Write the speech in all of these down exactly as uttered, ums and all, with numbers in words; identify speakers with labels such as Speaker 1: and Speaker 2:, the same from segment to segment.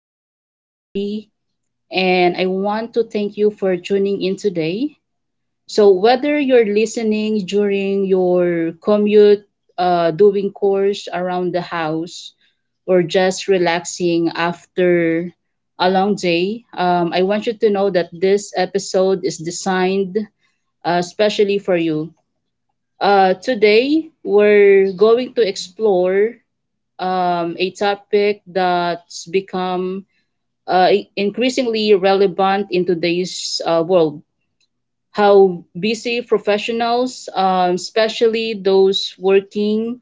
Speaker 1: your host, Charlie, and I want to thank you for tuning in today. So, whether you're listening during your commute, uh, doing chores around the house, or just relaxing after a long day, um, I want you to know that this episode is designed uh, especially for you. Uh, today, we're going to explore um, a topic that's become uh, increasingly relevant in today's uh, world. How busy professionals, um, especially those working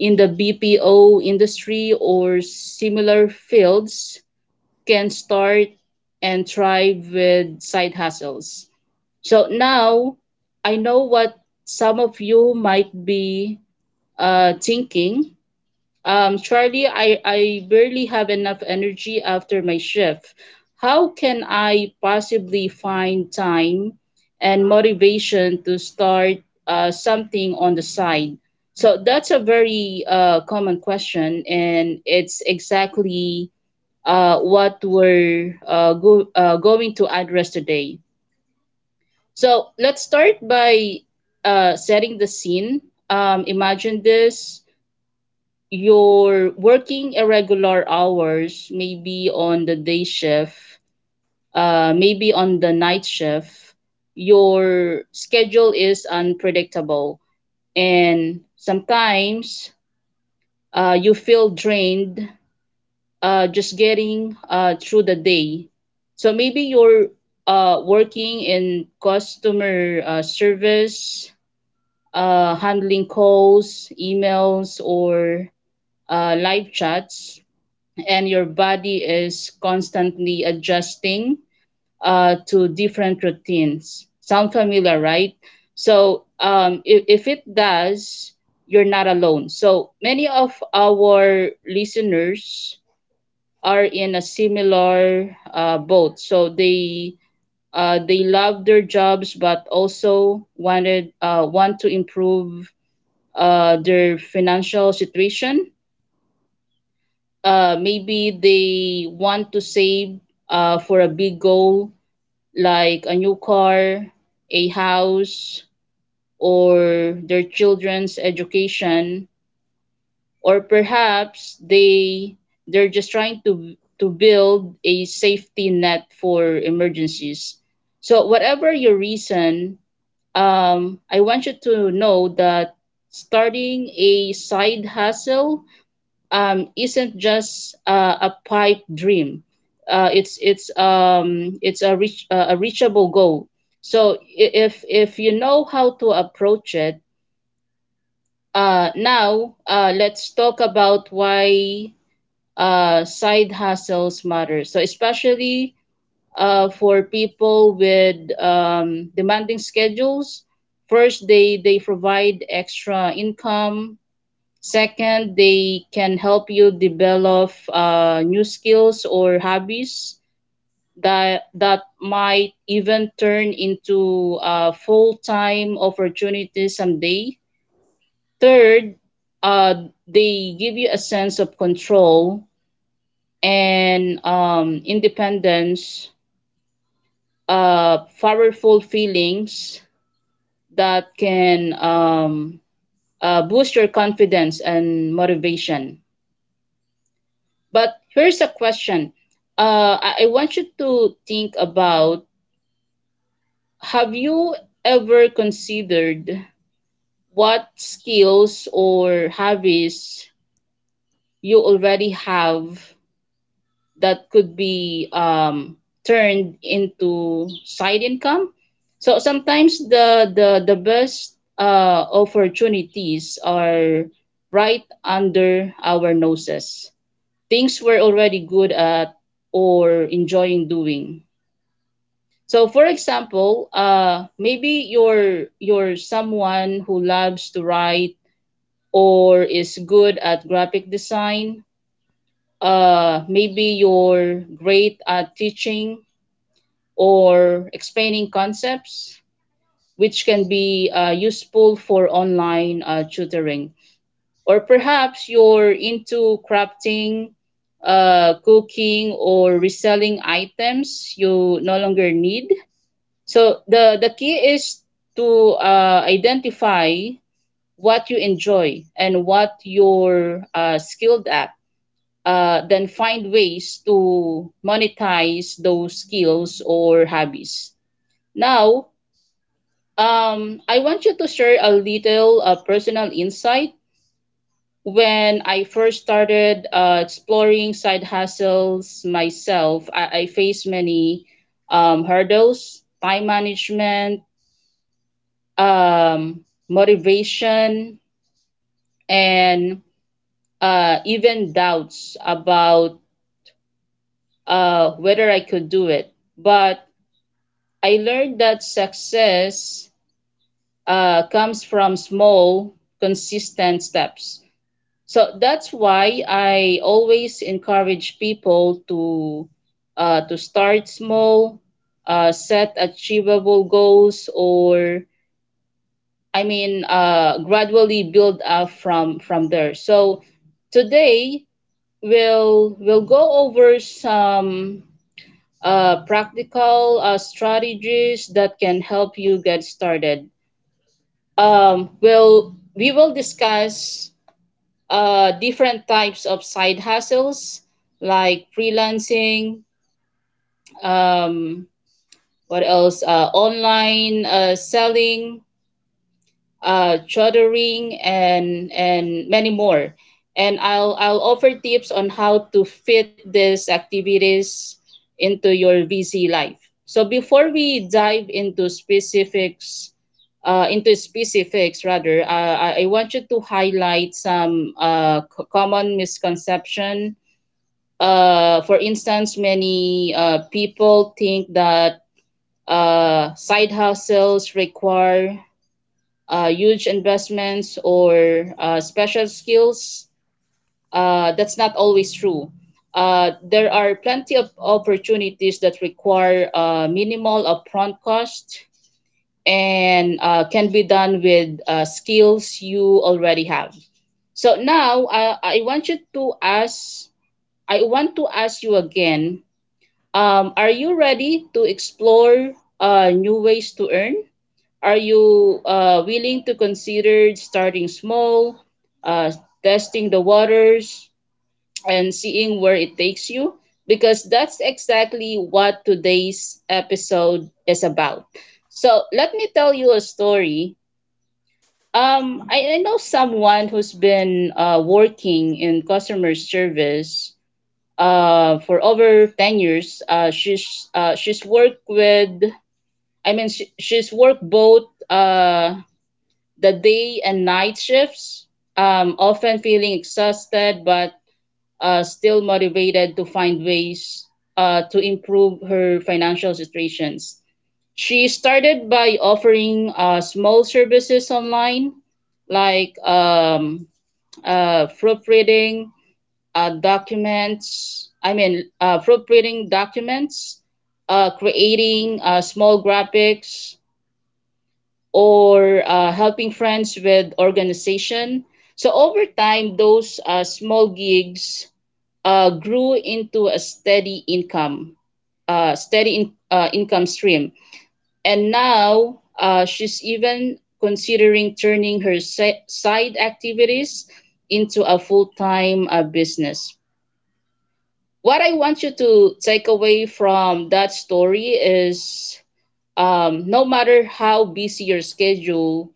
Speaker 1: in the B P O industry or similar fields, can start and thrive with side hustles. So now, I know what some of you might be uh, thinking. Um, Charlie, I, I barely have enough energy after my shift. How can I possibly find time and motivation to start uh, something on the side? So that's a very uh, common question, and it's exactly uh, what we're uh, go- uh, going to address today. So let's start by uh, setting the scene. Um, imagine this: you're working irregular hours, maybe on the day shift, uh, maybe on the night shift. Your schedule is unpredictable. And sometimes uh, you feel drained uh, just getting uh, through the day. So maybe you're uh, working in customer uh, service, uh, handling calls, emails, or uh, live chats, and your body is constantly adjusting uh, to different routines. Sound familiar, right? So um, if, if it does, you're not alone. So many of our listeners are in a similar uh, boat. So they uh, they love their jobs but also wanted uh, want to improve uh, their financial situation. Uh, maybe they want to save uh, for a big goal, like a new car, a house, or their children's education, or perhaps they they're just trying to to build a safety net for emergencies. So whatever your reason, um, I want you to know that starting a side hustle um, isn't just uh, a pipe dream. Uh, it's it's um, it's a reach uh, a reachable goal. So i- if if you know how to approach it. Uh, now, uh, let's talk about why uh, side hustles matter. So, especially uh, for people with um, demanding schedules: first, they they provide extra income. Second, they can help you develop uh, new skills or hobbies that that might even turn into uh, full-time opportunities someday. Third, uh, they give you a sense of control and um, independence, uh, powerful feelings that can um, uh, boost your confidence and motivation. But here's a question. Uh, I I want you to think about: have you ever considered what skills or hobbies you already have that could be um, turned into side income? So sometimes the the, the best uh, opportunities are right under our noses. Things we're already good at or enjoying doing. So for example, uh, maybe you're you're someone who loves to write or is good at graphic design. Uh, maybe you're great at teaching or explaining concepts, which can be uh, useful for online uh, tutoring. Or perhaps you're into crafting, uh, cooking, or reselling items you no longer need. So the the key is to uh, identify what you enjoy and what you're uh, skilled at. Uh, then find ways to monetize those skills or hobbies. Now, um, I want you to share a little uh, personal insight. When I first started uh, exploring side hustles myself, I, I faced many um, hurdles: time management, um, motivation, and uh, even doubts about uh, whether I could do it. But I learned that success uh, comes from small, consistent steps. So that's why I always encourage people to uh, to start small, uh, set achievable goals, or I mean, uh, gradually build up from from there. So today, we'll, we'll go over some uh, practical uh, strategies that can help you get started. Um, we'll, we will discuss uh, different types of side hustles like freelancing, um, what else, uh, online uh, selling, uh, chartering, and and many more. And I'll I'll offer tips on how to fit these activities into your V C life. So before we dive into specifics, uh, into specifics rather, uh, I I want you to highlight some uh, c- common misconception. Uh, for instance, many uh, people think that uh, side hustles require uh, huge investments or uh, special skills, uh, that's not always true. Uh, there are plenty of opportunities that require uh, minimal upfront cost and uh, can be done with uh, skills you already have. So now, I, I want you to ask, I want to ask you again, um, are you ready to explore uh, new ways to earn? Are you uh, willing to consider starting small, uh, testing the waters, and seeing where it takes you? Because that's exactly what today's episode is about. So let me tell you a story. Um, I, I know someone who's been uh, working in customer service uh, for over ten years. Uh, she's, uh, she's worked with, I mean, she, She's worked both uh, the day and night shifts, um, often feeling exhausted but uh, still motivated to find ways uh, to improve her financial situations. She started by offering uh, small services online, like um, uh, proofreading uh, documents, I mean, uh, proofreading documents, uh, creating uh, small graphics, or uh, helping friends with organization. So over time, those uh, small gigs uh, grew into a steady income, uh, steady in, uh, income stream. And now uh, she's even considering turning her si- side activities into a full time uh, business. What I want you to take away from that story is um, no matter how busy your schedule,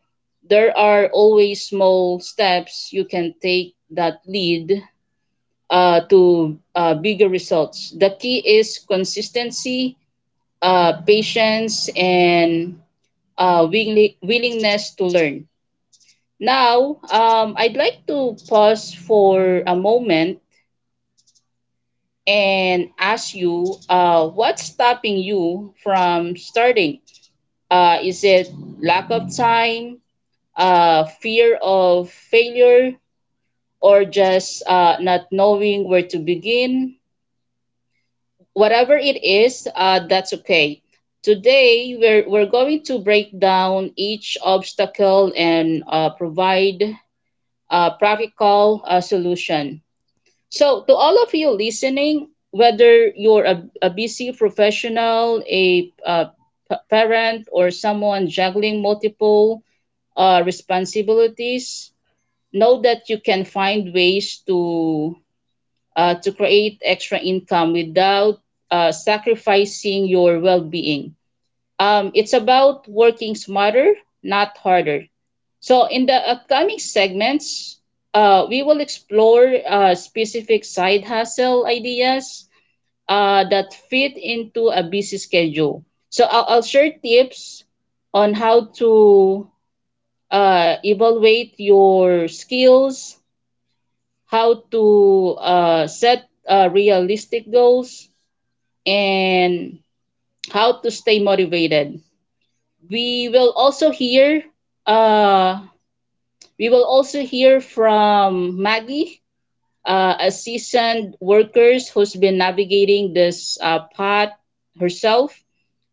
Speaker 1: there are always small steps you can take that lead uh, to uh, bigger results. The key is consistency, uh, patience, and uh, willi- willingness to learn. Now, um, I'd like to pause for a moment and ask you, uh, what's stopping you from starting? Uh, is it lack of time, uh, fear of failure, or just uh, not knowing where to begin? Whatever it is, uh, that's okay. Today, we're, we're going to break down each obstacle and uh, provide a practical uh, solution. So, to all of you listening, whether you're a, a busy professional, a, uh p- parent, or someone juggling multiple uh, responsibilities, know that you can find ways to uh, to create extra income without uh, sacrificing your well-being. Um, it's about working smarter, not harder. So in the upcoming segments, uh, we will explore uh, specific side hustle ideas uh, that fit into a busy schedule. So I'll, I'll share tips on how to uh, evaluate your skills, how to uh, set uh, realistic goals, and how to stay motivated. We will also hear uh, we will also hear from Maggie, uh, a seasoned worker who's been navigating this uh, path herself,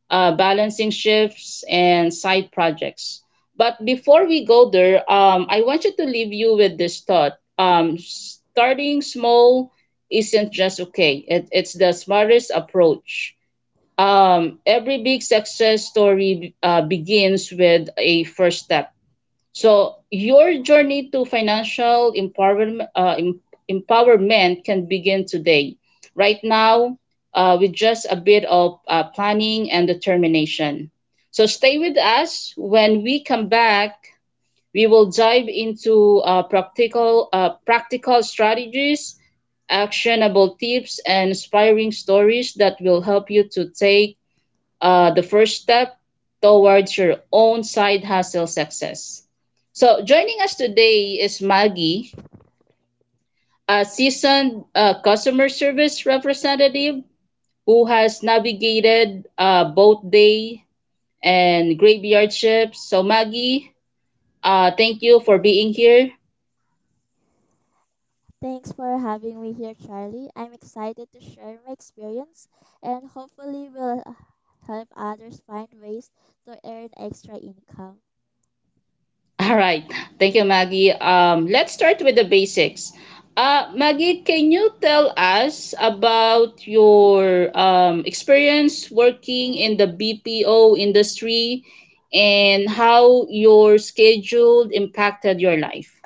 Speaker 1: uh, balancing shifts and side projects. But before we go there, um, I want you to leave you with this thought. Um, starting small isn't just okay, it, it's the smartest approach. Um, every big success story uh, begins with a first step, so your journey to financial empowerment, uh, em- empowerment, can begin today, right now, uh, with just a bit of uh, planning and determination. So stay with us. When we come back, we will dive into uh, practical, uh, practical strategies, actionable tips, and inspiring stories that will help you to take uh, the first step towards your own side hustle success. So, joining us today is Maggie, a seasoned uh, customer service representative who has navigated uh, both day and graveyard shifts. So, Maggie, uh, thank you for being here.
Speaker 2: Thanks for having me here, Charlie. I'm excited to share my experience and hopefully will help others find ways to earn extra income.
Speaker 1: All right. Thank you, Maggie. Um, let's start with the basics. Uh, Maggie, can you tell us about your um, experience working in the B P O industry and how your schedule impacted your life?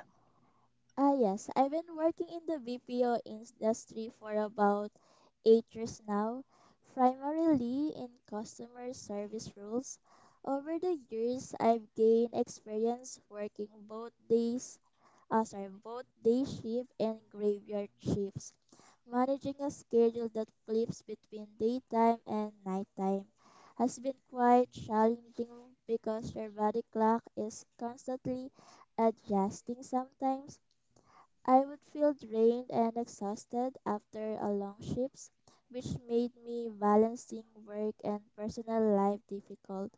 Speaker 2: Ah, yes, I've been working in the B P O industry for about eight years now, primarily in customer service roles. Over the years, I've gained experience working both days uh, sorry, both day shift and graveyard shifts. Managing a schedule that flips between daytime and nighttime has been quite challenging because your body clock is constantly adjusting. Sometimes I would feel drained and exhausted after a long shift, which made me balancing work and personal life difficult.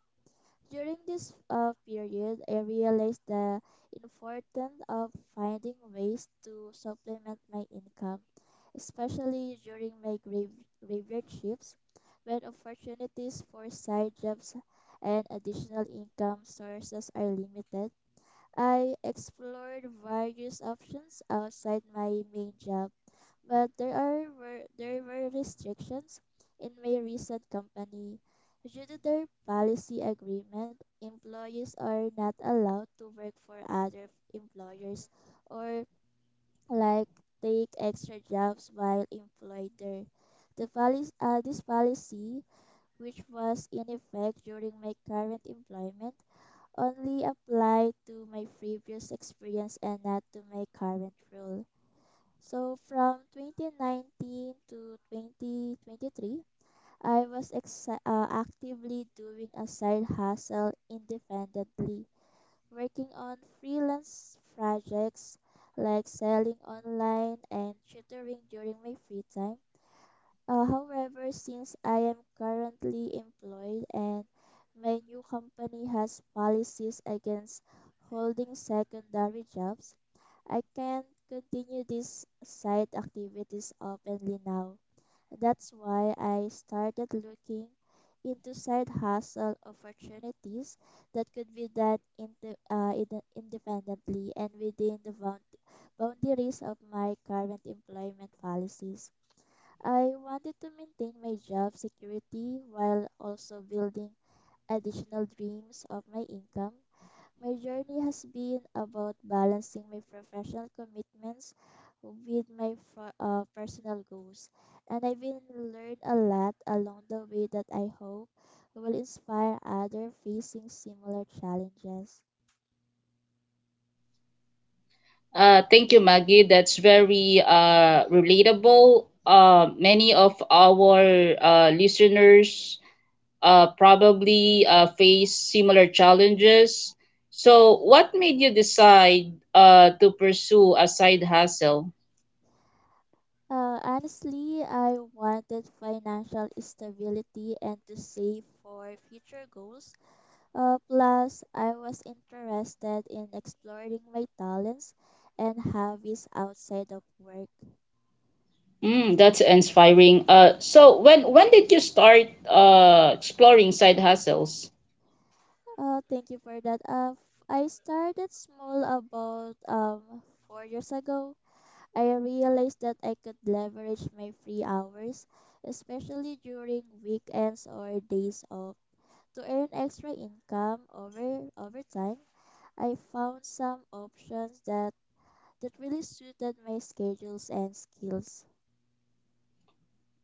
Speaker 2: During this uh, period, I realized the importance of finding ways to supplement my income, especially during my grav- graveyard shifts when opportunities for side jobs and additional income sources are limited. I explored various options outside my main job, but there are were there were restrictions in my recent company. Due to their policy agreement, employees are not allowed to work for other employers or, like, take extra jobs while employed there. The policy, uh, this policy, which was in effect during my current employment, only applied to my previous experience and not to my current role. So from twenty nineteen to twenty twenty-three, I was ex uh, actively doing a side hustle independently, working on freelance projects like selling online and tutoring during my free time. Uh, however, since I am currently employed and my new company has policies against holding secondary jobs, I can't continue these side activities openly now. That's why I started looking into side hustle opportunities that could be done inde- uh, inde- independently and within the bound- boundaries of my current employment policies. I wanted to maintain my job security while also building additional dreams of my income. My journey has been about balancing my professional commitments with my fr- uh, personal goals, and I've been learned a lot along the way that I hope will inspire others facing similar challenges.
Speaker 1: Uh, thank you, Maggie. That's very uh, relatable. Uh, many of our uh, listeners uh, probably uh, face similar challenges. So, what made you decide uh, to pursue a side hustle?
Speaker 2: Uh, honestly, I wanted financial stability and to save for future goals. Uh, plus, I was interested in exploring my talents and hobbies outside of work.
Speaker 1: Mm, that's inspiring. Uh, so when when did you start uh exploring side hustles?
Speaker 2: Uh, thank you for that. Uh, f- I started small about um four years ago. I realized that I could leverage my free hours, especially during weekends or days off, to earn extra income over over time. I found some options that that really suited my schedules and skills.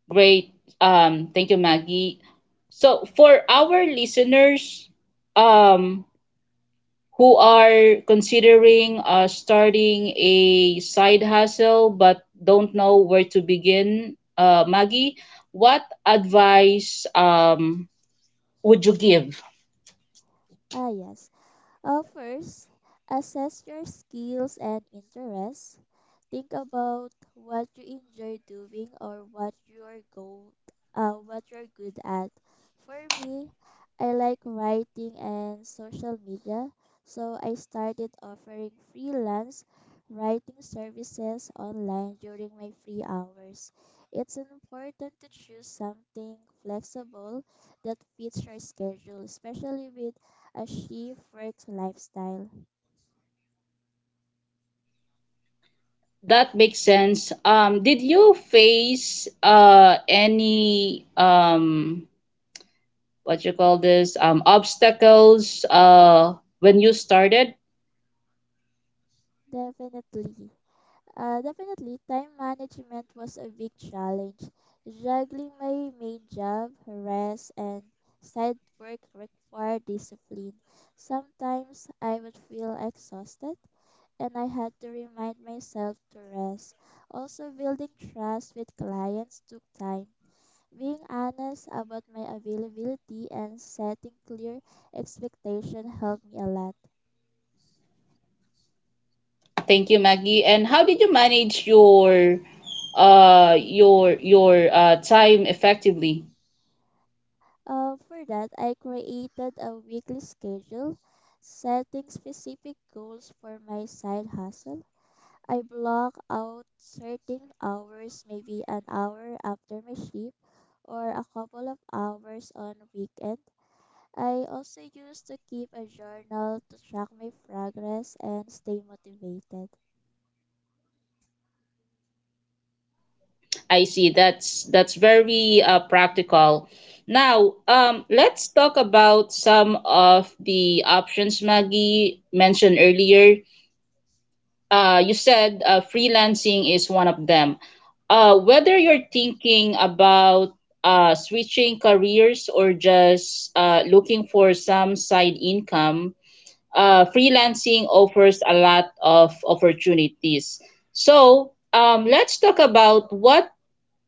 Speaker 1: Great. Um, thank you, Maggie. So for our listeners, um, who are considering uh, starting a side hustle but don't know where to begin, uh, Maggie, what advice um, would you give?
Speaker 2: Ah, yes. Uh, first, assess your skills and interests. Think about what you enjoy doing or what you're go uh, what you're good at. For me, I like writing and social media, so I started offering freelance writing services online during my free hours. It's important to choose something flexible that fits your schedule, especially with a shift work lifestyle.
Speaker 1: That makes sense. Um, did you face uh, any um, what you call this um, obstacles uh, when you started?
Speaker 2: Definitely. Uh, definitely, time management was a big challenge. Juggling my main job, rest, and side work required discipline. Sometimes I would feel exhausted, and I had to remind myself to rest. Also, building trust with clients took time. Being honest about my availability and setting clear expectation helped me a lot.
Speaker 1: Thank you, Maggie. And how did you manage your uh, your your uh, time effectively?
Speaker 2: Uh, for that, I created a weekly schedule, setting specific goals for my side hustle. I block out certain hours, maybe an hour after my shift or a couple of hours on weekend. I also used to keep a journal to track my progress and stay motivated.
Speaker 1: I see. That's that's very uh, practical. Now, um, let's talk about some of the options Maggie mentioned earlier. Uh, you said uh, freelancing is one of them. Uh, whether you're thinking about uh, switching careers or just uh, looking for some side income, uh, freelancing offers a lot of opportunities. So, um, let's talk about what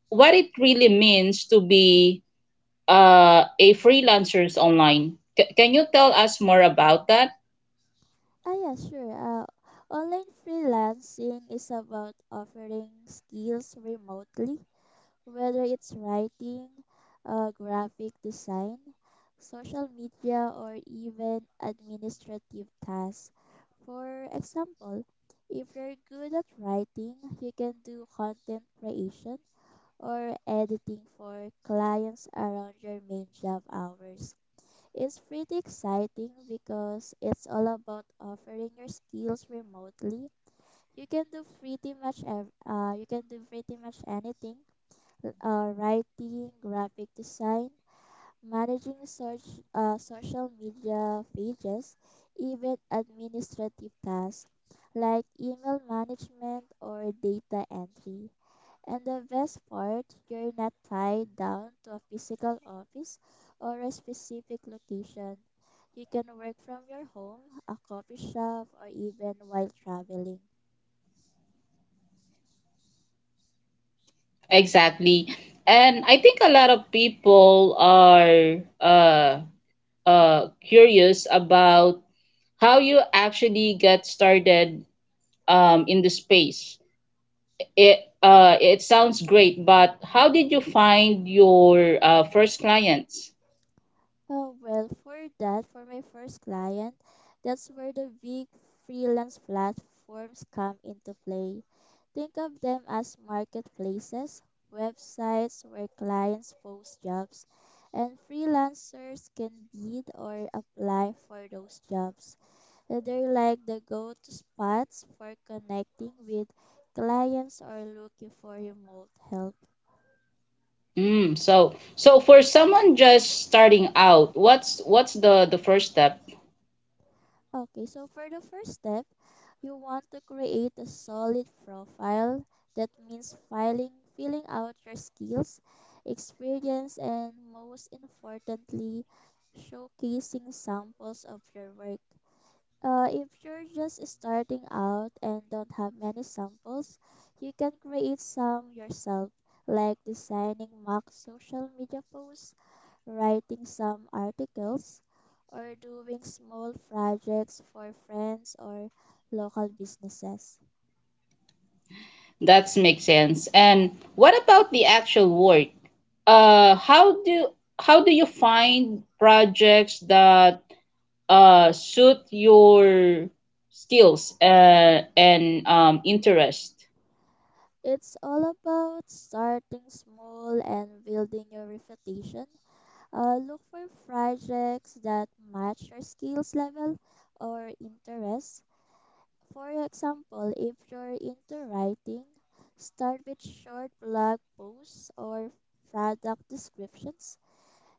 Speaker 1: what it really means to be uh, a freelancers online. C- can you tell us more about that?
Speaker 2: Ah, yeah, sure. Uh, online freelancing is about offering skills remotely, whether it's writing, uh, graphic design, social media, or even administrative tasks. For example, if you're good at writing, you can do content creation or editing for clients around your main job hours. It's pretty exciting because it's all about offering your skills remotely. You can do pretty much ev- uh, you can do pretty much anything: uh, writing, graphic design, managing search, uh, social media pages, even administrative tasks like email management or data entry. And the best part, you're not tied down to a physical office or a specific location. You can work from your home, a coffee shop, or even while traveling.
Speaker 1: Exactly. And I think a lot of people are uh, uh, curious about how you actually get started um, in the space. It, uh, it sounds great, but how did you find your uh, first clients?
Speaker 2: Oh, well, for that, for my first client, that's where the big freelance platforms come into play. Think of them as marketplaces, websites where clients post jobs, and freelancers can bid or apply for those jobs. They're like the go to spots for connecting with clients or looking for remote help.
Speaker 1: Mm, so so for someone just starting out, what's what's the the first step?
Speaker 2: Okay, so for the first step, you want to create a solid profile. That means filing, filling out your skills, experience, and most importantly, showcasing samples of your work. Uh, if you're just starting out and don't have many samples, you can create some yourself, like designing mock social media posts, writing some articles, or doing small projects for friends or local businesses.
Speaker 1: That makes sense. And what about the actual work? Uh, how do how do you find projects that uh suit your skills uh, and um interest?
Speaker 2: It's all about starting small and building your reputation. Uh, look for projects that match your skills level or interests. For example, if you're into writing, start with short blog posts or product descriptions.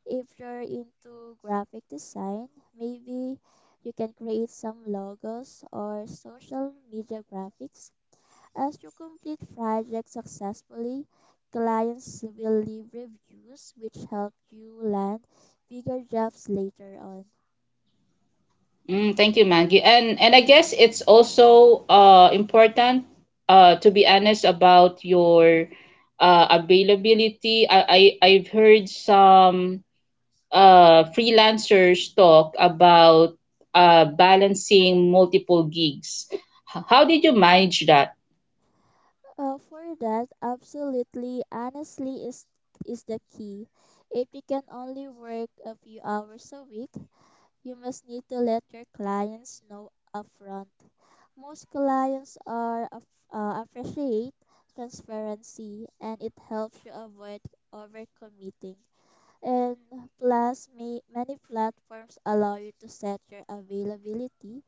Speaker 2: If you're into graphic design, maybe you can create some logos or social media graphics. As you complete projects successfully, clients will leave reviews which help you land bigger jobs later on.
Speaker 1: Mm, thank you, Maggie. And and I guess it's also uh important uh to be honest about your uh availability. I, I I've heard some uh freelancers talk about uh balancing multiple gigs. H- How did you manage that?
Speaker 2: Uh, for that, absolutely honestly is is the key. If you can only work a few hours a week, you must need to let your clients know upfront. Most clients are af- uh, appreciate transparency, and it helps you avoid overcommitting. And plus, may, many platforms allow you to set your availability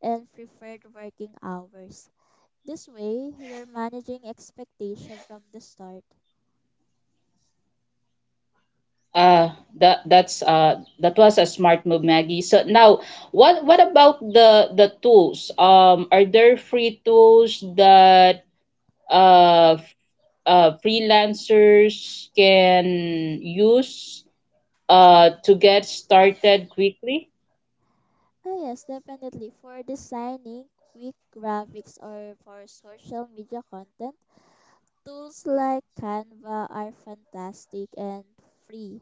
Speaker 2: and preferred working hours. This way, you're managing expectation from the start.
Speaker 1: Uh that that's uh that was a smart move, Maggie. So now what what about the the tools? Um, are there free tools that uh, f- uh, freelancers can use uh, to get started quickly?
Speaker 2: Ah, yes, definitely. For designing quick graphics or for social media content, tools like Canva are fantastic and free.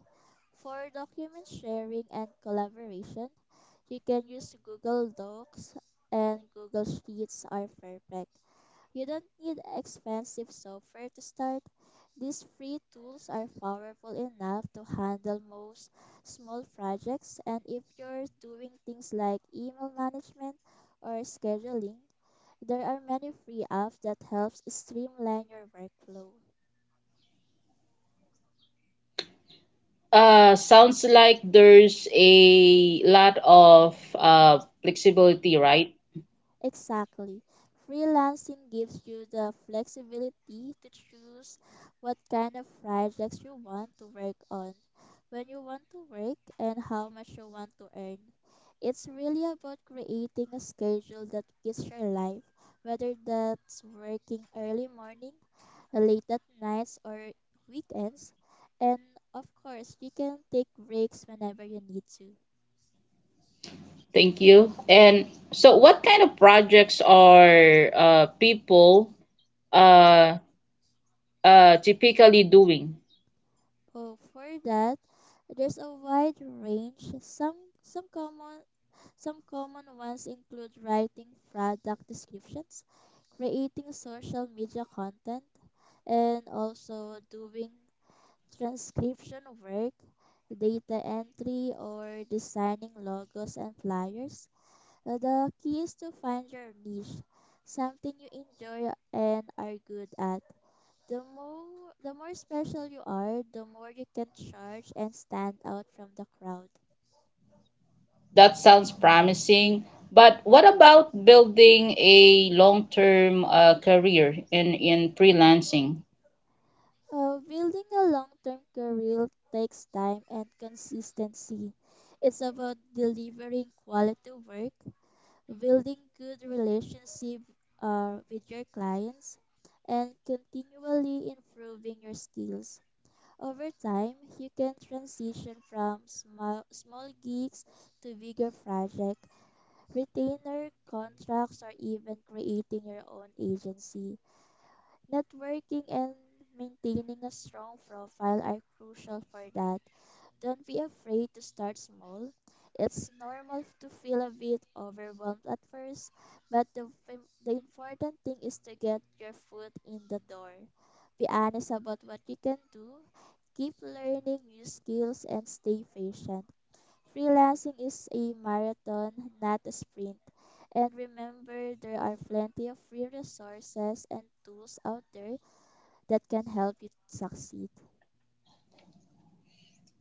Speaker 2: For document sharing and collaboration, you can use Google Docs and Google Sheets are perfect. You don't need expensive software to start. These free tools are powerful enough to handle most small projects, and if you're doing things like email management or scheduling, there are many free apps that helps streamline your workflow.
Speaker 1: Uh, sounds like there's a lot of uh, flexibility, right?
Speaker 2: Exactly. Freelancing gives you the flexibility to choose what kind of projects you want to work on, when you want to work, and how much you want to earn. It's really about creating a schedule that fits your life, whether that's working early morning, late at nights, or weekends. And of course, you can take breaks whenever you need to.
Speaker 1: Thank you. And so, what kind of projects are uh, people uh, uh, typically doing?
Speaker 2: Oh, for that, there's a wide range. Some some common some common ones include writing product descriptions, creating social media content, and also doing transcription work, data entry, or designing logos and flyers. Uh, The key is to find your niche, something you enjoy and are good at. The more the more special you are, the more you can charge and stand out from the crowd.
Speaker 1: That sounds promising. But what about building a long-term uh, career in, in freelancing?
Speaker 2: Uh, building a long-term career takes time and consistency. It's about delivering quality work, building good relationship uh, with your clients, and continually improving your skills. Over time, you can transition from small small gigs to bigger projects, retainer contracts, or even creating your own agency. Networking and maintaining a strong profile are crucial for that. Don't be afraid to start small. It's normal to feel a bit overwhelmed at first, but the, fim- the important thing is to get your foot in the door. Be honest about what you can do, keep learning new skills, and stay patient. Freelancing is a marathon, not a sprint. And remember, there are plenty of free resources and tools out there that can help you succeed.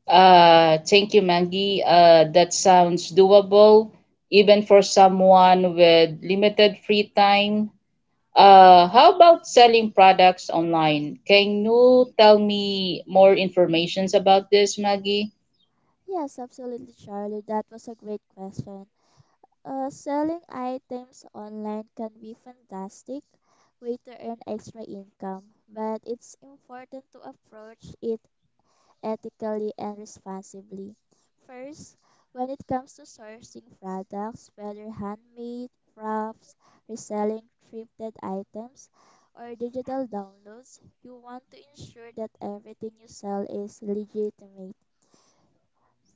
Speaker 1: Uh, thank you, Maggie. Uh, that sounds doable, even for someone with limited free time. Uh, how about selling products online? Can you tell me more information about this, Maggie?
Speaker 2: Yes, absolutely, Charlie. That was a great question. Uh, selling items online can be fantastic way to earn extra income, but it's important to approach it ethically and responsibly. First, when it comes to sourcing products, whether handmade, crafts, reselling thrifted items, or digital downloads, you want to ensure that everything you sell is legitimate.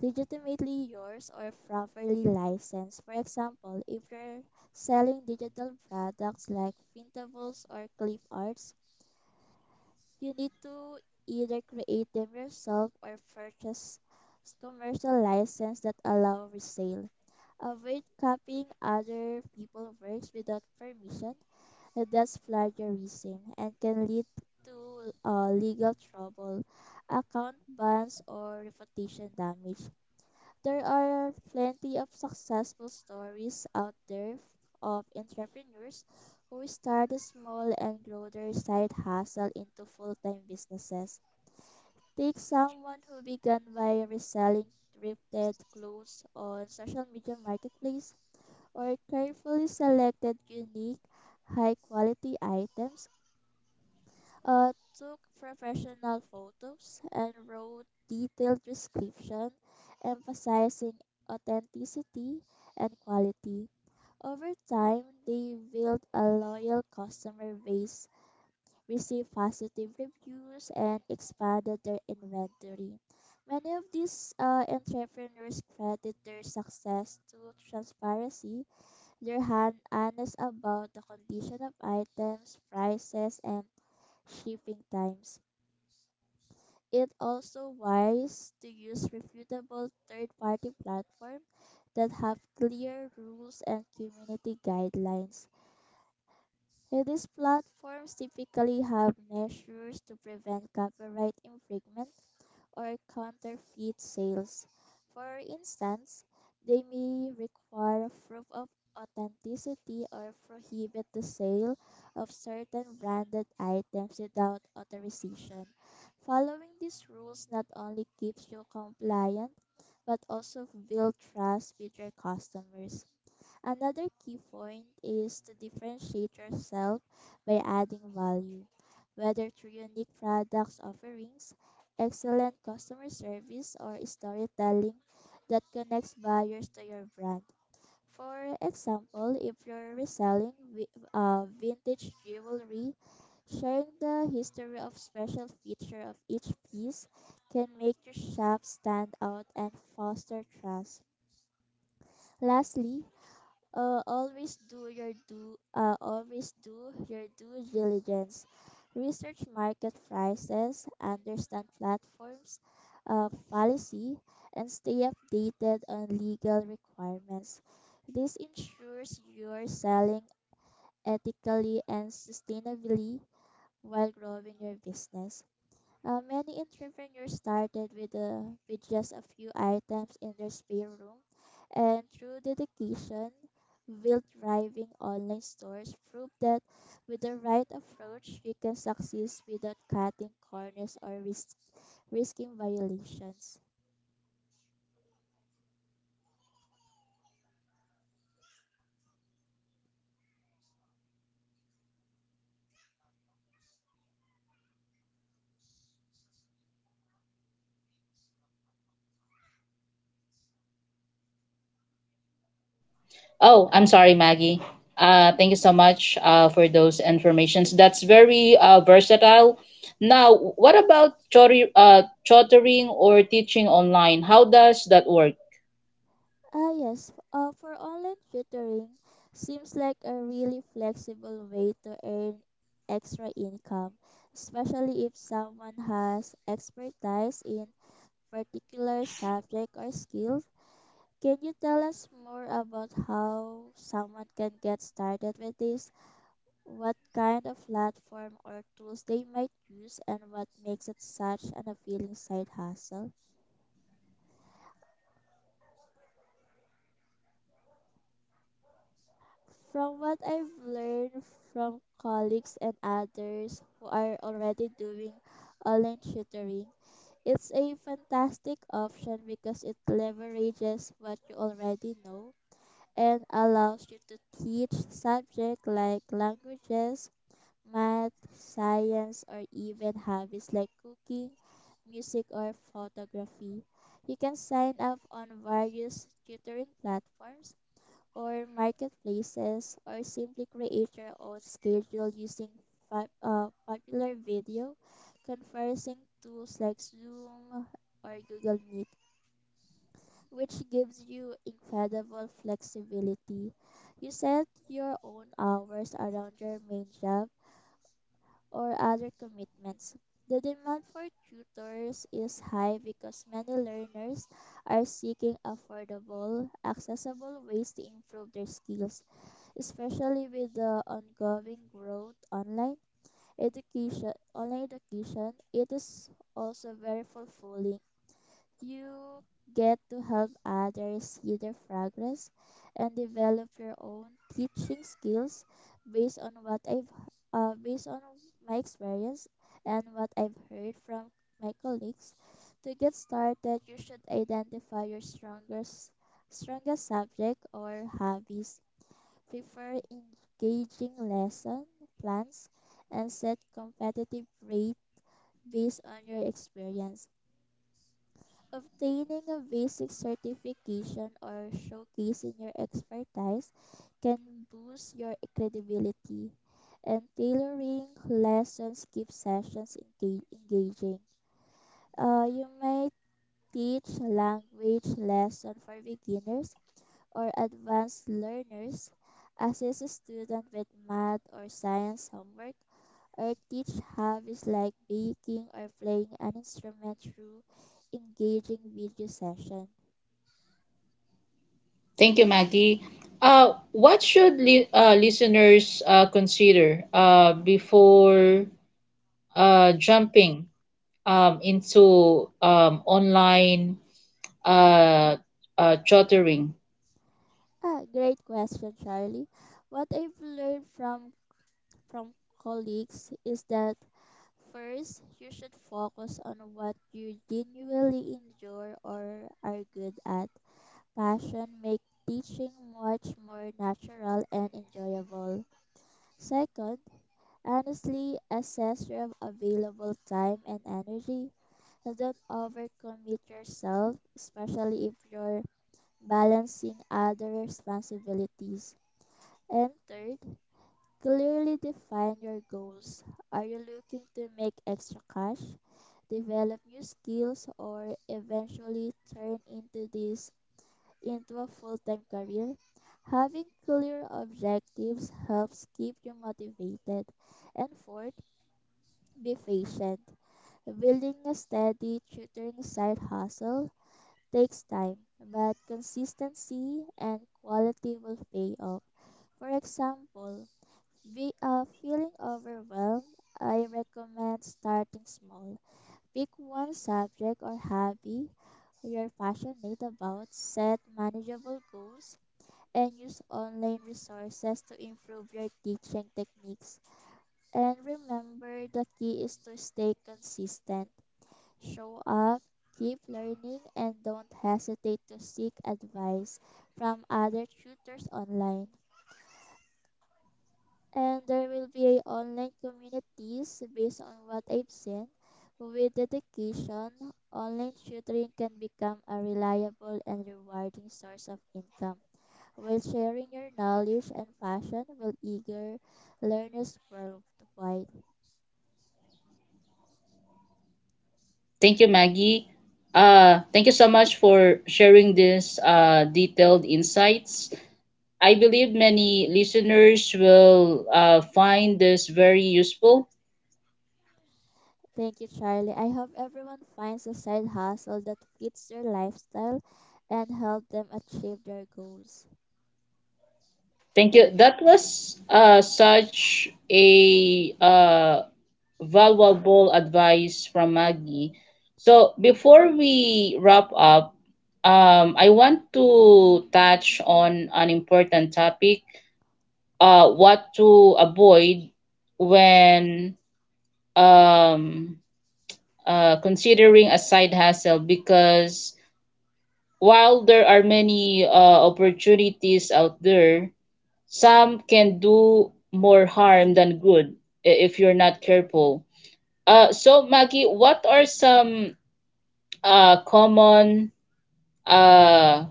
Speaker 2: Legitimately yours or properly licensed. For example, if you're selling digital products like printables or clip arts, you need to either create them yourself or purchase commercial license that allow resale. Avoid copying other people's works without permission. That's plagiarism and can lead to uh, legal trouble, account bans, or reputation damage. There are plenty of successful stories out there of entrepreneurs who started small and grow their side hustle into full-time businesses. Take someone who began by reselling thrifted clothes on social media marketplace or carefully selected unique, high-quality items, uh, took professional photos and wrote detailed description, emphasizing authenticity and quality. Over time, they built a loyal customer base, received positive reviews, and expanded their inventory. Many of these uh, entrepreneurs credit their success to transparency. They're han- honest about the condition of items, prices, and shipping times. It's also wise to use reputable third-party platforms that have clear rules and community guidelines. And these platforms typically have measures to prevent copyright infringement or counterfeit sales. For instance, they may require proof of authenticity or prohibit the sale of certain branded items without authorization. Following these rules not only keeps you compliant but also build trust with your customers. Another key point is to differentiate yourself by adding value, whether through unique products offerings, excellent customer service, or storytelling that connects buyers to your brand. For example, if you're reselling vi- uh, vintage jewelry, sharing the history of special feature of each piece can make your shop stand out and foster trust. Lastly, uh, always do your due. Uh, always do your due diligence. Research market prices, understand platforms, uh, policy, and stay updated on legal requirements. This ensures you're selling ethically and sustainably while growing your business. Uh, many entrepreneurs started with, a, with just a few items in their spare room and through dedication built thriving online stores prove that with the right approach you can succeed without cutting corners or risk, risking violations.
Speaker 1: Oh, I'm sorry, Maggie. Uh, thank you so much uh, for those informations. That's very uh, versatile. Now, what about tutor- uh, tutoring or teaching online? How does that work?
Speaker 2: Ah, yes. Uh, for online tutoring, seems like a really flexible way to earn extra income, especially if someone has expertise in particular subject or skill. Can you tell us more about how someone can get started with this? What kind of platform or tools they might use, and what makes it such an appealing side hustle? From what I've learned from colleagues and others who are already doing online tutoring, it's a fantastic option because it leverages what you already know and allows you to teach subjects like languages, math, science, or even hobbies like cooking, music, or photography. You can sign up on various tutoring platforms or marketplaces, or simply create your own schedule using fa- uh, popular video conferencing tools like Zoom or Google Meet, which gives you incredible flexibility. You set your own hours around your main job or other commitments. The demand for tutors is high because many learners are seeking affordable, accessible ways to improve their skills especially with the ongoing growth online education online education it is also very fulfilling you get to help others see their progress and develop your own teaching skills based on what i've uh, based on my experience and what I've heard from my colleagues to get started you should identify your strongest strongest subject or hobbies prefer engaging lesson plans and set competitive rates based on your experience. Obtaining a basic certification or showcasing your expertise can boost your credibility, and tailoring lessons keep sessions enga- engaging. Uh, you might teach language lesson for beginners or advanced learners, assist a student with math or science homework, or teach hobbies like baking or playing an instrument through engaging video session.
Speaker 1: Thank you, Maggie. Uh, what should li- uh, listeners uh, consider uh, before uh, jumping um, into um, online uh, uh, tutoring?
Speaker 2: Ah, great question, Charlie. What I've learned from from colleagues is that first you should focus on what you genuinely enjoy or are good at. Passion make teaching much more natural and enjoyable. Second, honestly assess your available time and energy. Don't overcommit yourself, especially if you're balancing other responsibilities. And third, clearly define your goals. Are you looking to make extra cash, develop new skills, or eventually turn into this into a full-time career? Having clear objectives helps keep you motivated. And fourth, be patient. Building a steady tutoring side hustle takes time, but consistency and quality will pay off. For example, we are feeling overwhelmed. I recommend starting small. Pick one subject or hobby you're passionate about, set manageable goals, and use online resources to improve your teaching techniques. And remember, the key is to stay consistent. Show up, keep learning, and don't hesitate to seek advice from other tutors online. And there will be a online communities based on what I've seen. With dedication, online tutoring can become a reliable and rewarding source of income. While sharing your knowledge and passion will eager learners worldwide.
Speaker 1: Thank you, Maggie. Uh, thank you so much for sharing this uh, detailed insights. I believe many listeners will uh, find this very useful.
Speaker 2: Thank you, Charlie. I hope everyone finds a side hustle that fits their lifestyle and help them achieve their goals.
Speaker 1: Thank you. That was uh, such a uh, valuable advice from Maggie. So before we wrap up, um, I want to touch on an important topic, uh, what to avoid when um, uh, considering a side hustle, because while there are many uh, opportunities out there, some can do more harm than good i- if you're not careful. Uh, so, Maggie, what are some uh, common uh,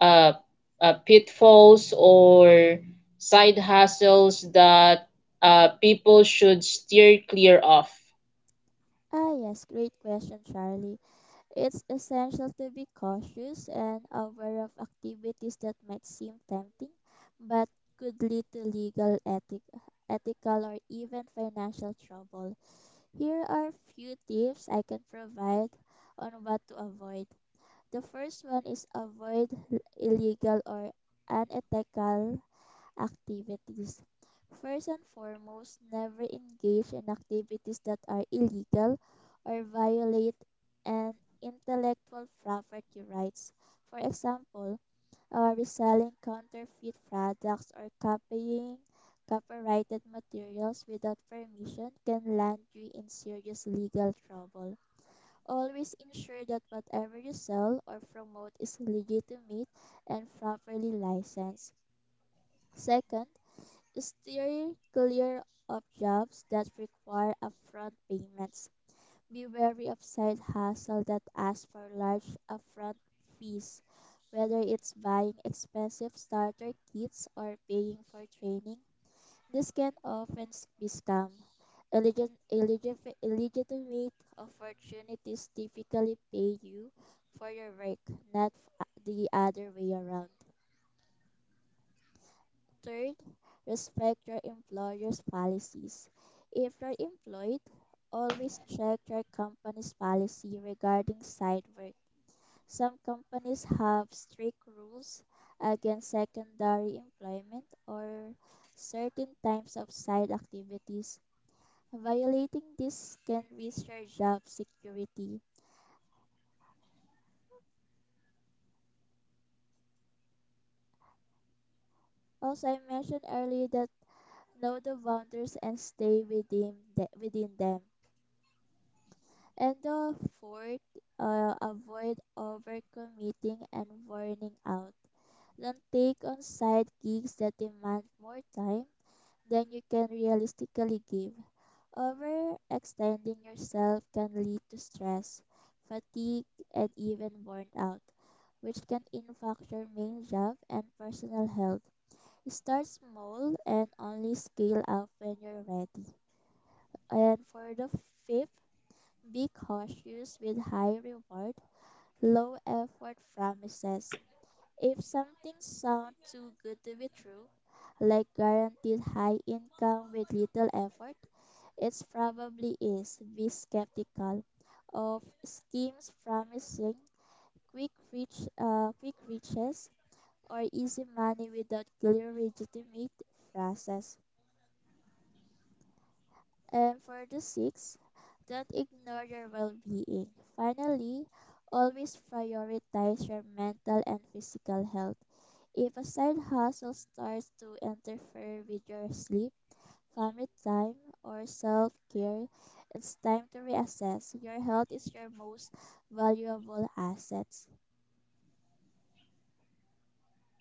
Speaker 1: uh, uh, pitfalls or side hustles that uh, people should steer clear of?
Speaker 2: Ah, yes, great question, Charlie. It's essential to be cautious and aware of activities that might seem tempting but could lead to legal ethic ethical or even financial trouble. Here are few tips I can provide on what to avoid. The first one is avoid illegal or unethical activities. First and foremost, never engage in activities that are illegal or violate an intellectual property rights. For example, uh, reselling counterfeit products or copying copyrighted materials without permission can land you in serious legal trouble. Always ensure that whatever you sell or promote is legitimate and properly licensed. Second, steer clear of jobs that require upfront payments. Be wary of side hustle that ask for large upfront fees, whether it's buying expensive starter kits or paying for training this can often be scam. Illegit- illegif- Illegitimate opportunities typically pay you for your work, not f- the other way around. Third, respect your employer's policies. If you're employed, always check your company's policy regarding side work. Some companies have strict rules against secondary employment or certain types of side activities. Violating this can risk your job security. Also, I mentioned earlier that know the boundaries and stay within the, within them. And the fourth, uh, avoid overcommitting and burning out. Don't take on side gigs that demand more time than you can realistically give. Overextending yourself can lead to stress, fatigue, and even burnout, which can impact your main job and personal health. Start small and only scale up when you're ready. And for the fifth, be cautious with high reward, low effort promises. If something sounds too good to be true, like guaranteed high income with little effort, it probably is. Be skeptical of schemes promising quick reach, uh, quick reaches or easy money without clear legitimate process. And for the sixth, don't ignore your well-being. Finally, always prioritize your mental and physical health. If a side hustle starts to interfere with your sleep, family time, or self-care, it's time to reassess. Your health is your most valuable asset.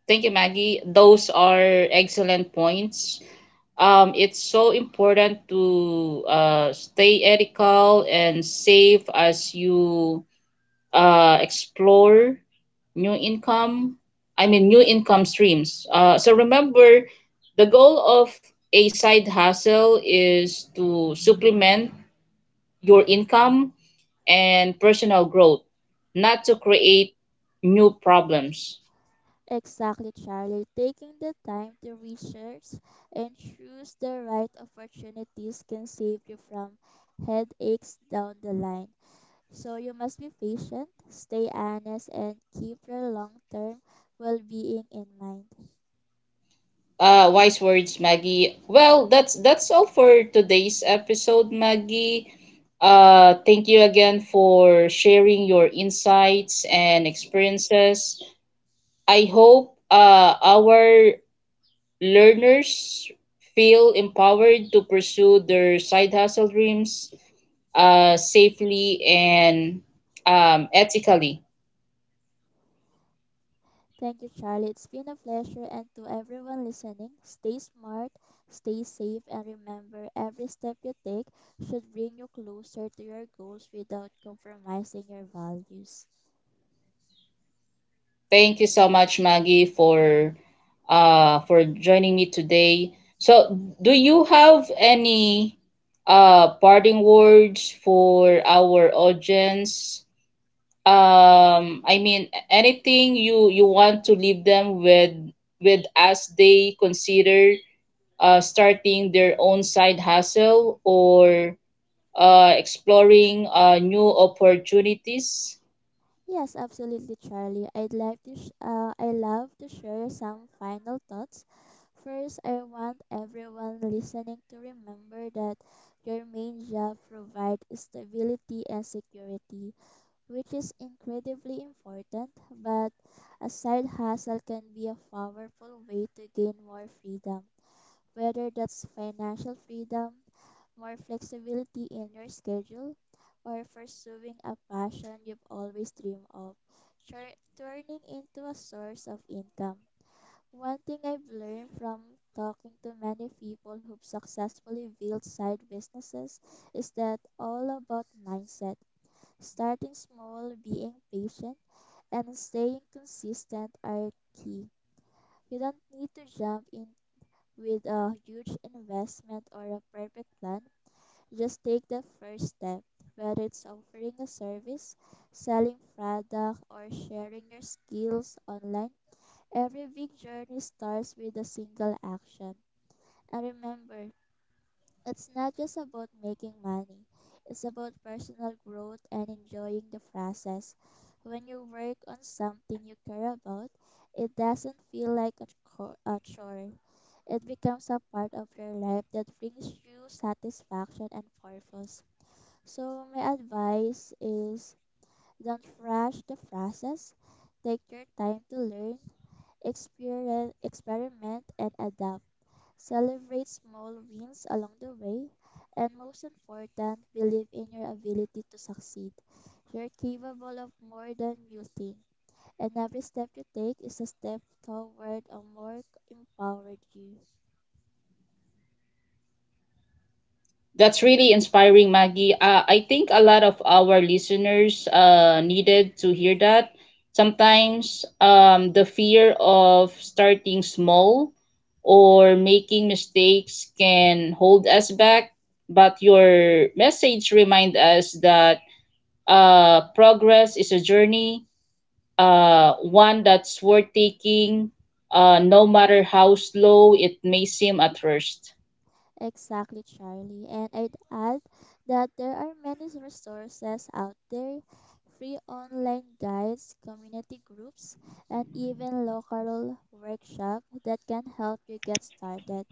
Speaker 1: Thank you, Maggie. Those are excellent points. Um, it's so important to uh, stay ethical and safe as you uh, explore new income, I mean, new income streams. Uh, so remember, the goal of a side hustle is to supplement your income and personal growth, not to create new problems.
Speaker 2: Exactly, Charlie. Taking the time to research and choose the right opportunities can save you from headaches down the line. So you must be patient, stay honest, and keep your long term well being in mind.
Speaker 1: Uh, wise words, Maggie. Well, that's that's all for today's episode, Maggie. Uh, thank you again for sharing your insights and experiences. I hope uh, our learners feel empowered to pursue their side hustle dreams uh, safely and um, ethically.
Speaker 2: Thank you, Charlie. It's been a pleasure. And to everyone listening, stay smart, stay safe, and remember every step you take should bring you closer to your goals without compromising your values.
Speaker 1: Thank you so much, Maggie, for uh, for joining me today. So, do you have any uh, parting words for our audience, um I mean anything you you want to leave them with with as they consider uh starting their own side hustle or uh exploring uh new opportunities?
Speaker 2: Yes, absolutely, Charlie. I'd like to. Sh- uh, I love to share some final thoughts. First, I want everyone listening to remember that your main job provides stability and security, which is incredibly important. But a side hustle can be a powerful way to gain more freedom, whether that's financial freedom, more flexibility in your schedule, or pursuing a passion you've always dreamed of, tur- turning into a source of income. One thing I've learned from talking to many people who've successfully built side businesses is that all about mindset. Starting small, being patient, and staying consistent are key. You don't need to jump in with a huge investment or a perfect plan just take the first step, whether it's offering a service, selling product, or sharing your skills online. Every big journey starts with a single action. And remember, it's not just about making money. It's about personal growth and enjoying the process. When you work on something you care about, it doesn't feel like a, co- a chore. It becomes a part of your life that brings you satisfaction and purpose. So my advice is don't rush the process. Take your time to learn, experien- experiment, and adapt. Celebrate small wins along the way. And most important, believe in your ability to succeed. You're capable of more than you think. And every step you take is a step toward a more empowered you.
Speaker 1: That's really inspiring, Maggie. Uh, I think a lot of our listeners uh, needed to hear that. Sometimes um, the fear of starting small or making mistakes can hold us back, but your message remind us that uh, progress is a journey, uh, one that's worth taking, uh, no matter how slow it may seem at first.
Speaker 2: Exactly, Charlie. And I'd add that there are many resources out there free online guides, community groups, and even local workshops that can help you get started.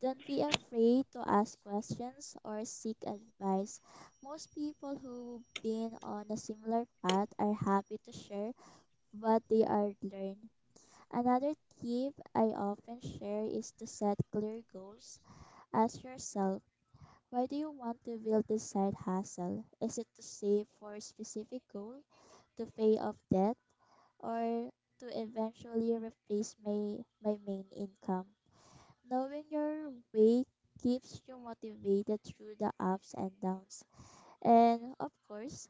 Speaker 2: Don't be afraid to ask questions or seek advice. Most people who've been on a similar path are happy to share what they are learning. Another tip I often share is to set clear goals. Ask yourself, why do you want to build this side hustle? Is it to save for a specific goal, to pay off debt, or to eventually replace my, my main income? Knowing your way keeps you motivated through the ups and downs. And of course,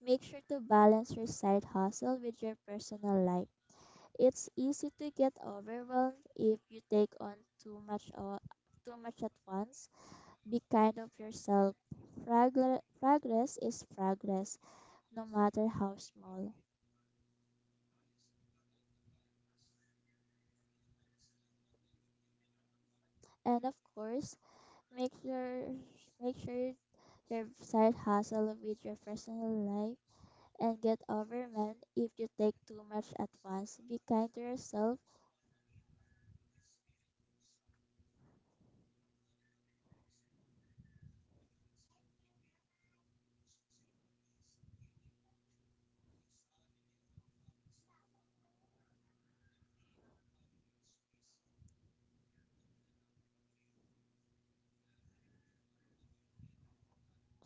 Speaker 2: make sure to balance your side hustle with your personal life. It's easy to get overwhelmed if you take on too much o- too much at once be kind of yourself. Fragr- Progress is progress, no matter how small. And of course, make your make sure your side hustle with your personal life and get overwhelmed if you take too much at once. Be kind to yourself,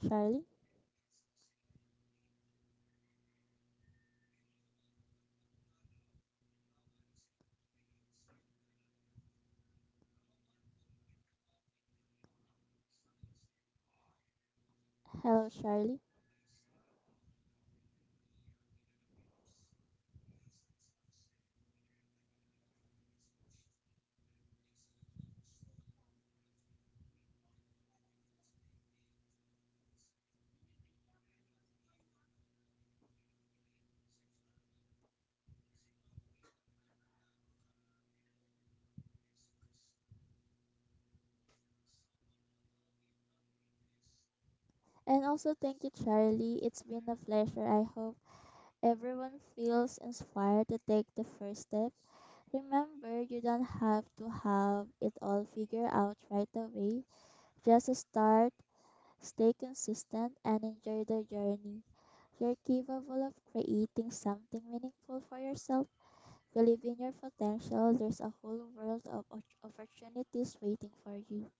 Speaker 2: Charlie. Hello, Charlie. And also thank you, Charlie. It's been a pleasure. I hope everyone feels inspired to take the first step. Remember, you don't have to have it all figured out right away. Just start, stay consistent, and enjoy the journey. You're capable of creating something meaningful for yourself. Believe in your potential. There's a whole world of op- opportunities waiting for you.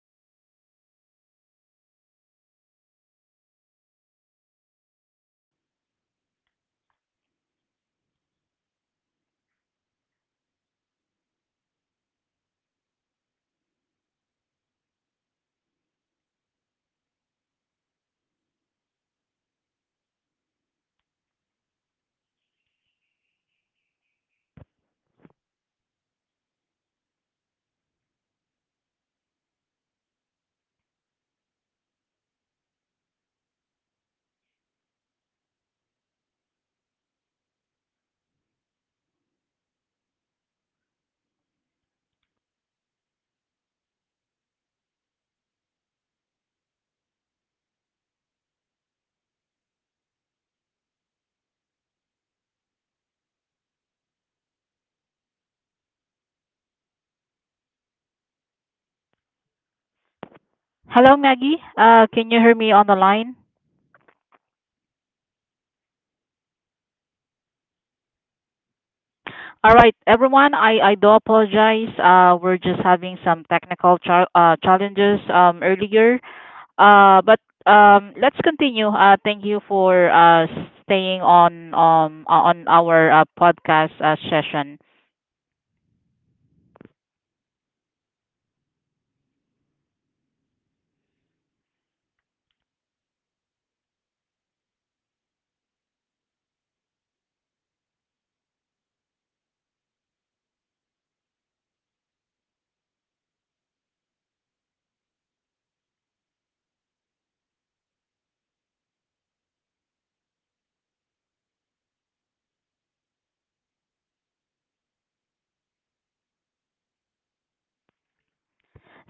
Speaker 3: Hello, Weng. Can you hear me now on the line? Hello, Maggie. Uh, can you hear me on the line? All right, everyone. I, I do apologize. Uh, we're just having some technical chal uh, challenges um, earlier. Uh, but um, let's continue. Uh, thank you for uh, staying on um, on our uh, podcast uh, session.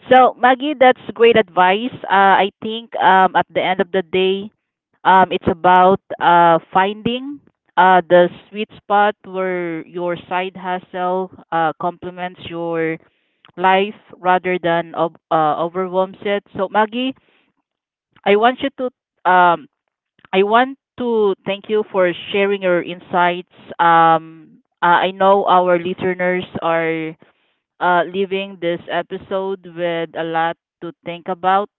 Speaker 3: So, Maggie, that's great advice. Uh, I think um, at the end of the day, um, it's about uh, finding uh, the sweet spot where your side hustle uh, complements your life rather than ob- uh, overwhelms it. So, Maggie, I want you to um, I want to thank you for sharing your insights. Um, uh, I know our listeners are uh, leaving this episode with a lot to think about.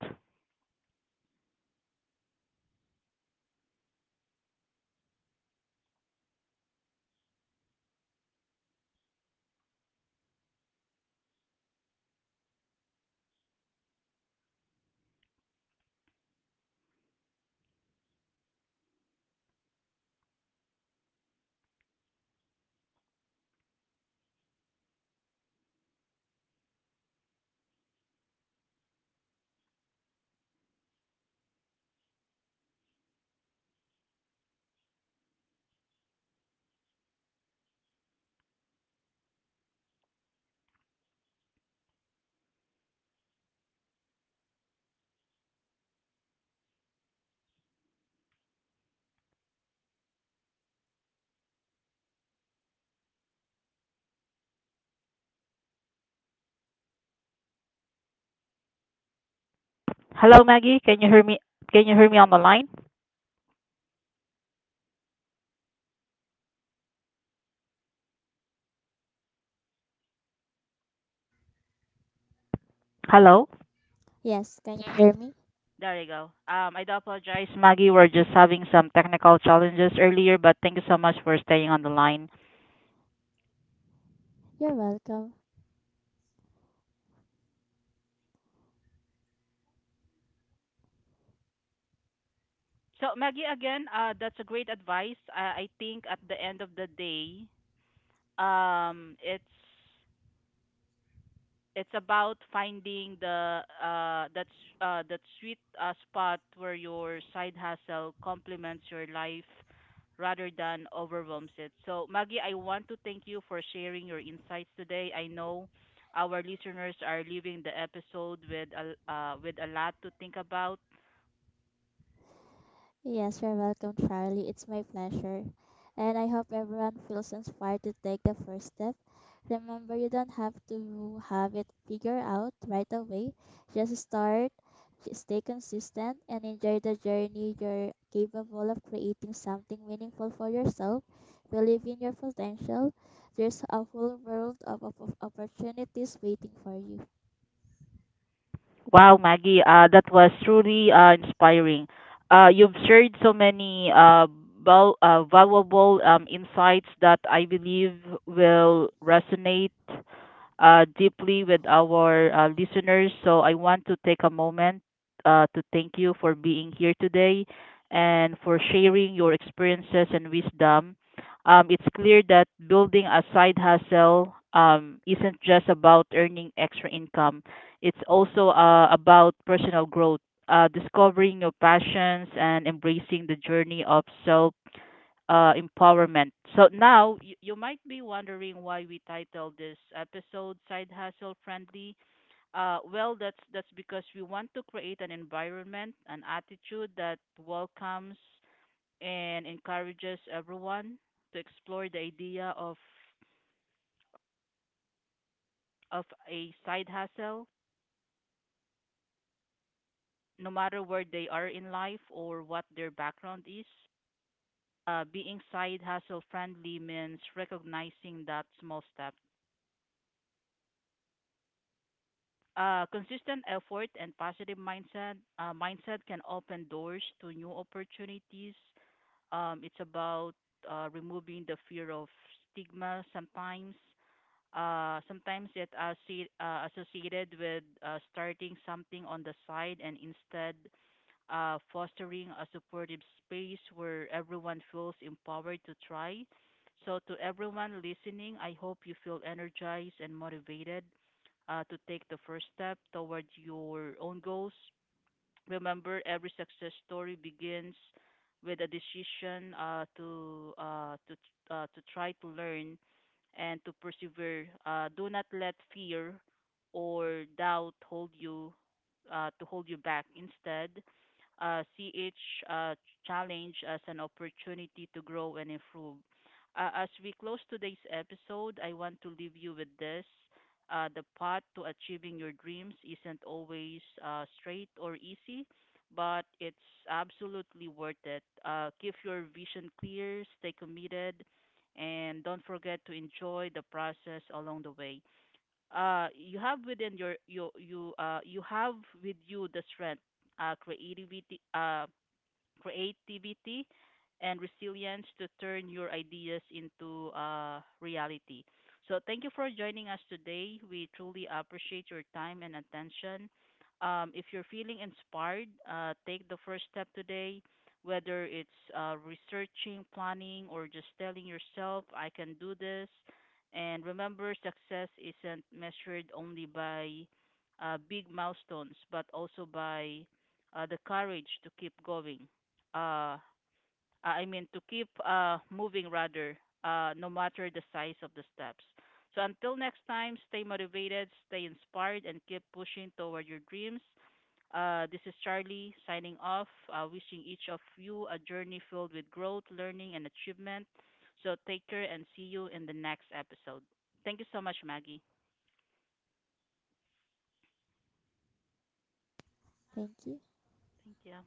Speaker 3: Hello, Maggie. Can you hear me? Can you hear me on the line? Hello.
Speaker 2: Yes, can you hear me?
Speaker 3: There you go. Um, I do apologize, Maggie. We're just having some technical challenges earlier, but thank you so much for staying on the line.
Speaker 2: You're welcome.
Speaker 3: So, Maggie, again, uh, that's a great advice. Uh, I think at the end of the day, um, it's It's about finding the uh that s- uh that sweet uh, spot where your side hustle complements your life rather than overwhelms it. So, Maggie, I want to thank you for sharing your insights today. I know our listeners are leaving the episode with a uh, with a lot to think about.
Speaker 2: Yes, you're welcome, Charlie. It's my pleasure. And I hope everyone feels inspired to take the first step. Remember, you don't have to have it figured out right away. Just start, j- stay consistent, and enjoy the journey. You're capable of creating something meaningful for yourself. Believe in your potential. There's a whole world of, of of opportunities waiting for you.
Speaker 3: Wow, Maggie, uh, that was truly uh, inspiring. Uh, you've shared so many uh, val- uh, valuable um, insights that I believe will resonate uh, deeply with our uh, listeners. So I want to take a moment uh, to thank you for being here today and for sharing your experiences and wisdom. Um, it's clear that building a side hustle um, isn't just about earning extra income. It's also uh, about personal growth, uh, discovering your passions and embracing the journey of self uh, empowerment. So now you, you might be wondering why we titled this episode Side Hustle Friendly. Uh, well, that's that's because we want to create an environment, an attitude that welcomes and encourages everyone to explore the idea of of a side hustle no matter where they are in life or what their background is. Uh, being side hustle friendly means recognizing that small step. Uh, consistent effort and positive mindset uh, mindset can open doors to new opportunities. Um, it's about uh, removing the fear of stigma sometimes. Uh, sometimes it assi- uh, associated with uh, starting something on the side, and instead uh, fostering a supportive space where everyone feels empowered to try. So, to everyone listening, I hope you feel energized and motivated uh, to take the first step toward your own goals. Remember, every success story begins with a decision uh, to uh, to uh, to try, to learn and to persevere. Uh, do not let fear or doubt hold you uh, to hold you back. Instead, uh, see each uh, challenge as an opportunity to grow and improve. Uh, as we close today's episode, I want to leave you with this. Uh, the path to achieving your dreams isn't always uh, straight or easy, but it's absolutely worth it. Uh, keep your vision clear, stay committed, and don't forget to enjoy the process along the way. Uh, you have within your you you uh, you have with you the strength, uh, creativity, uh, creativity and resilience to turn your ideas into uh, reality. So, thank you for joining us today. We truly appreciate your time and attention. Um, if you're feeling inspired, uh, take the first step today, whether it's uh, researching, planning, or just telling yourself, I can do this. And remember, success isn't measured only by uh, big milestones, but also by uh, the courage to keep going uh uh, I mean to keep uh moving rather, uh no matter the size of the steps. So until next time, stay motivated, stay inspired and keep pushing toward your dreams. Uh this is Charlie signing off, uh, wishing each of you a journey filled with growth, learning and achievement. So take care and see you in the next episode. Thank you so much, Maggie.
Speaker 2: Thank you.
Speaker 3: Thank you.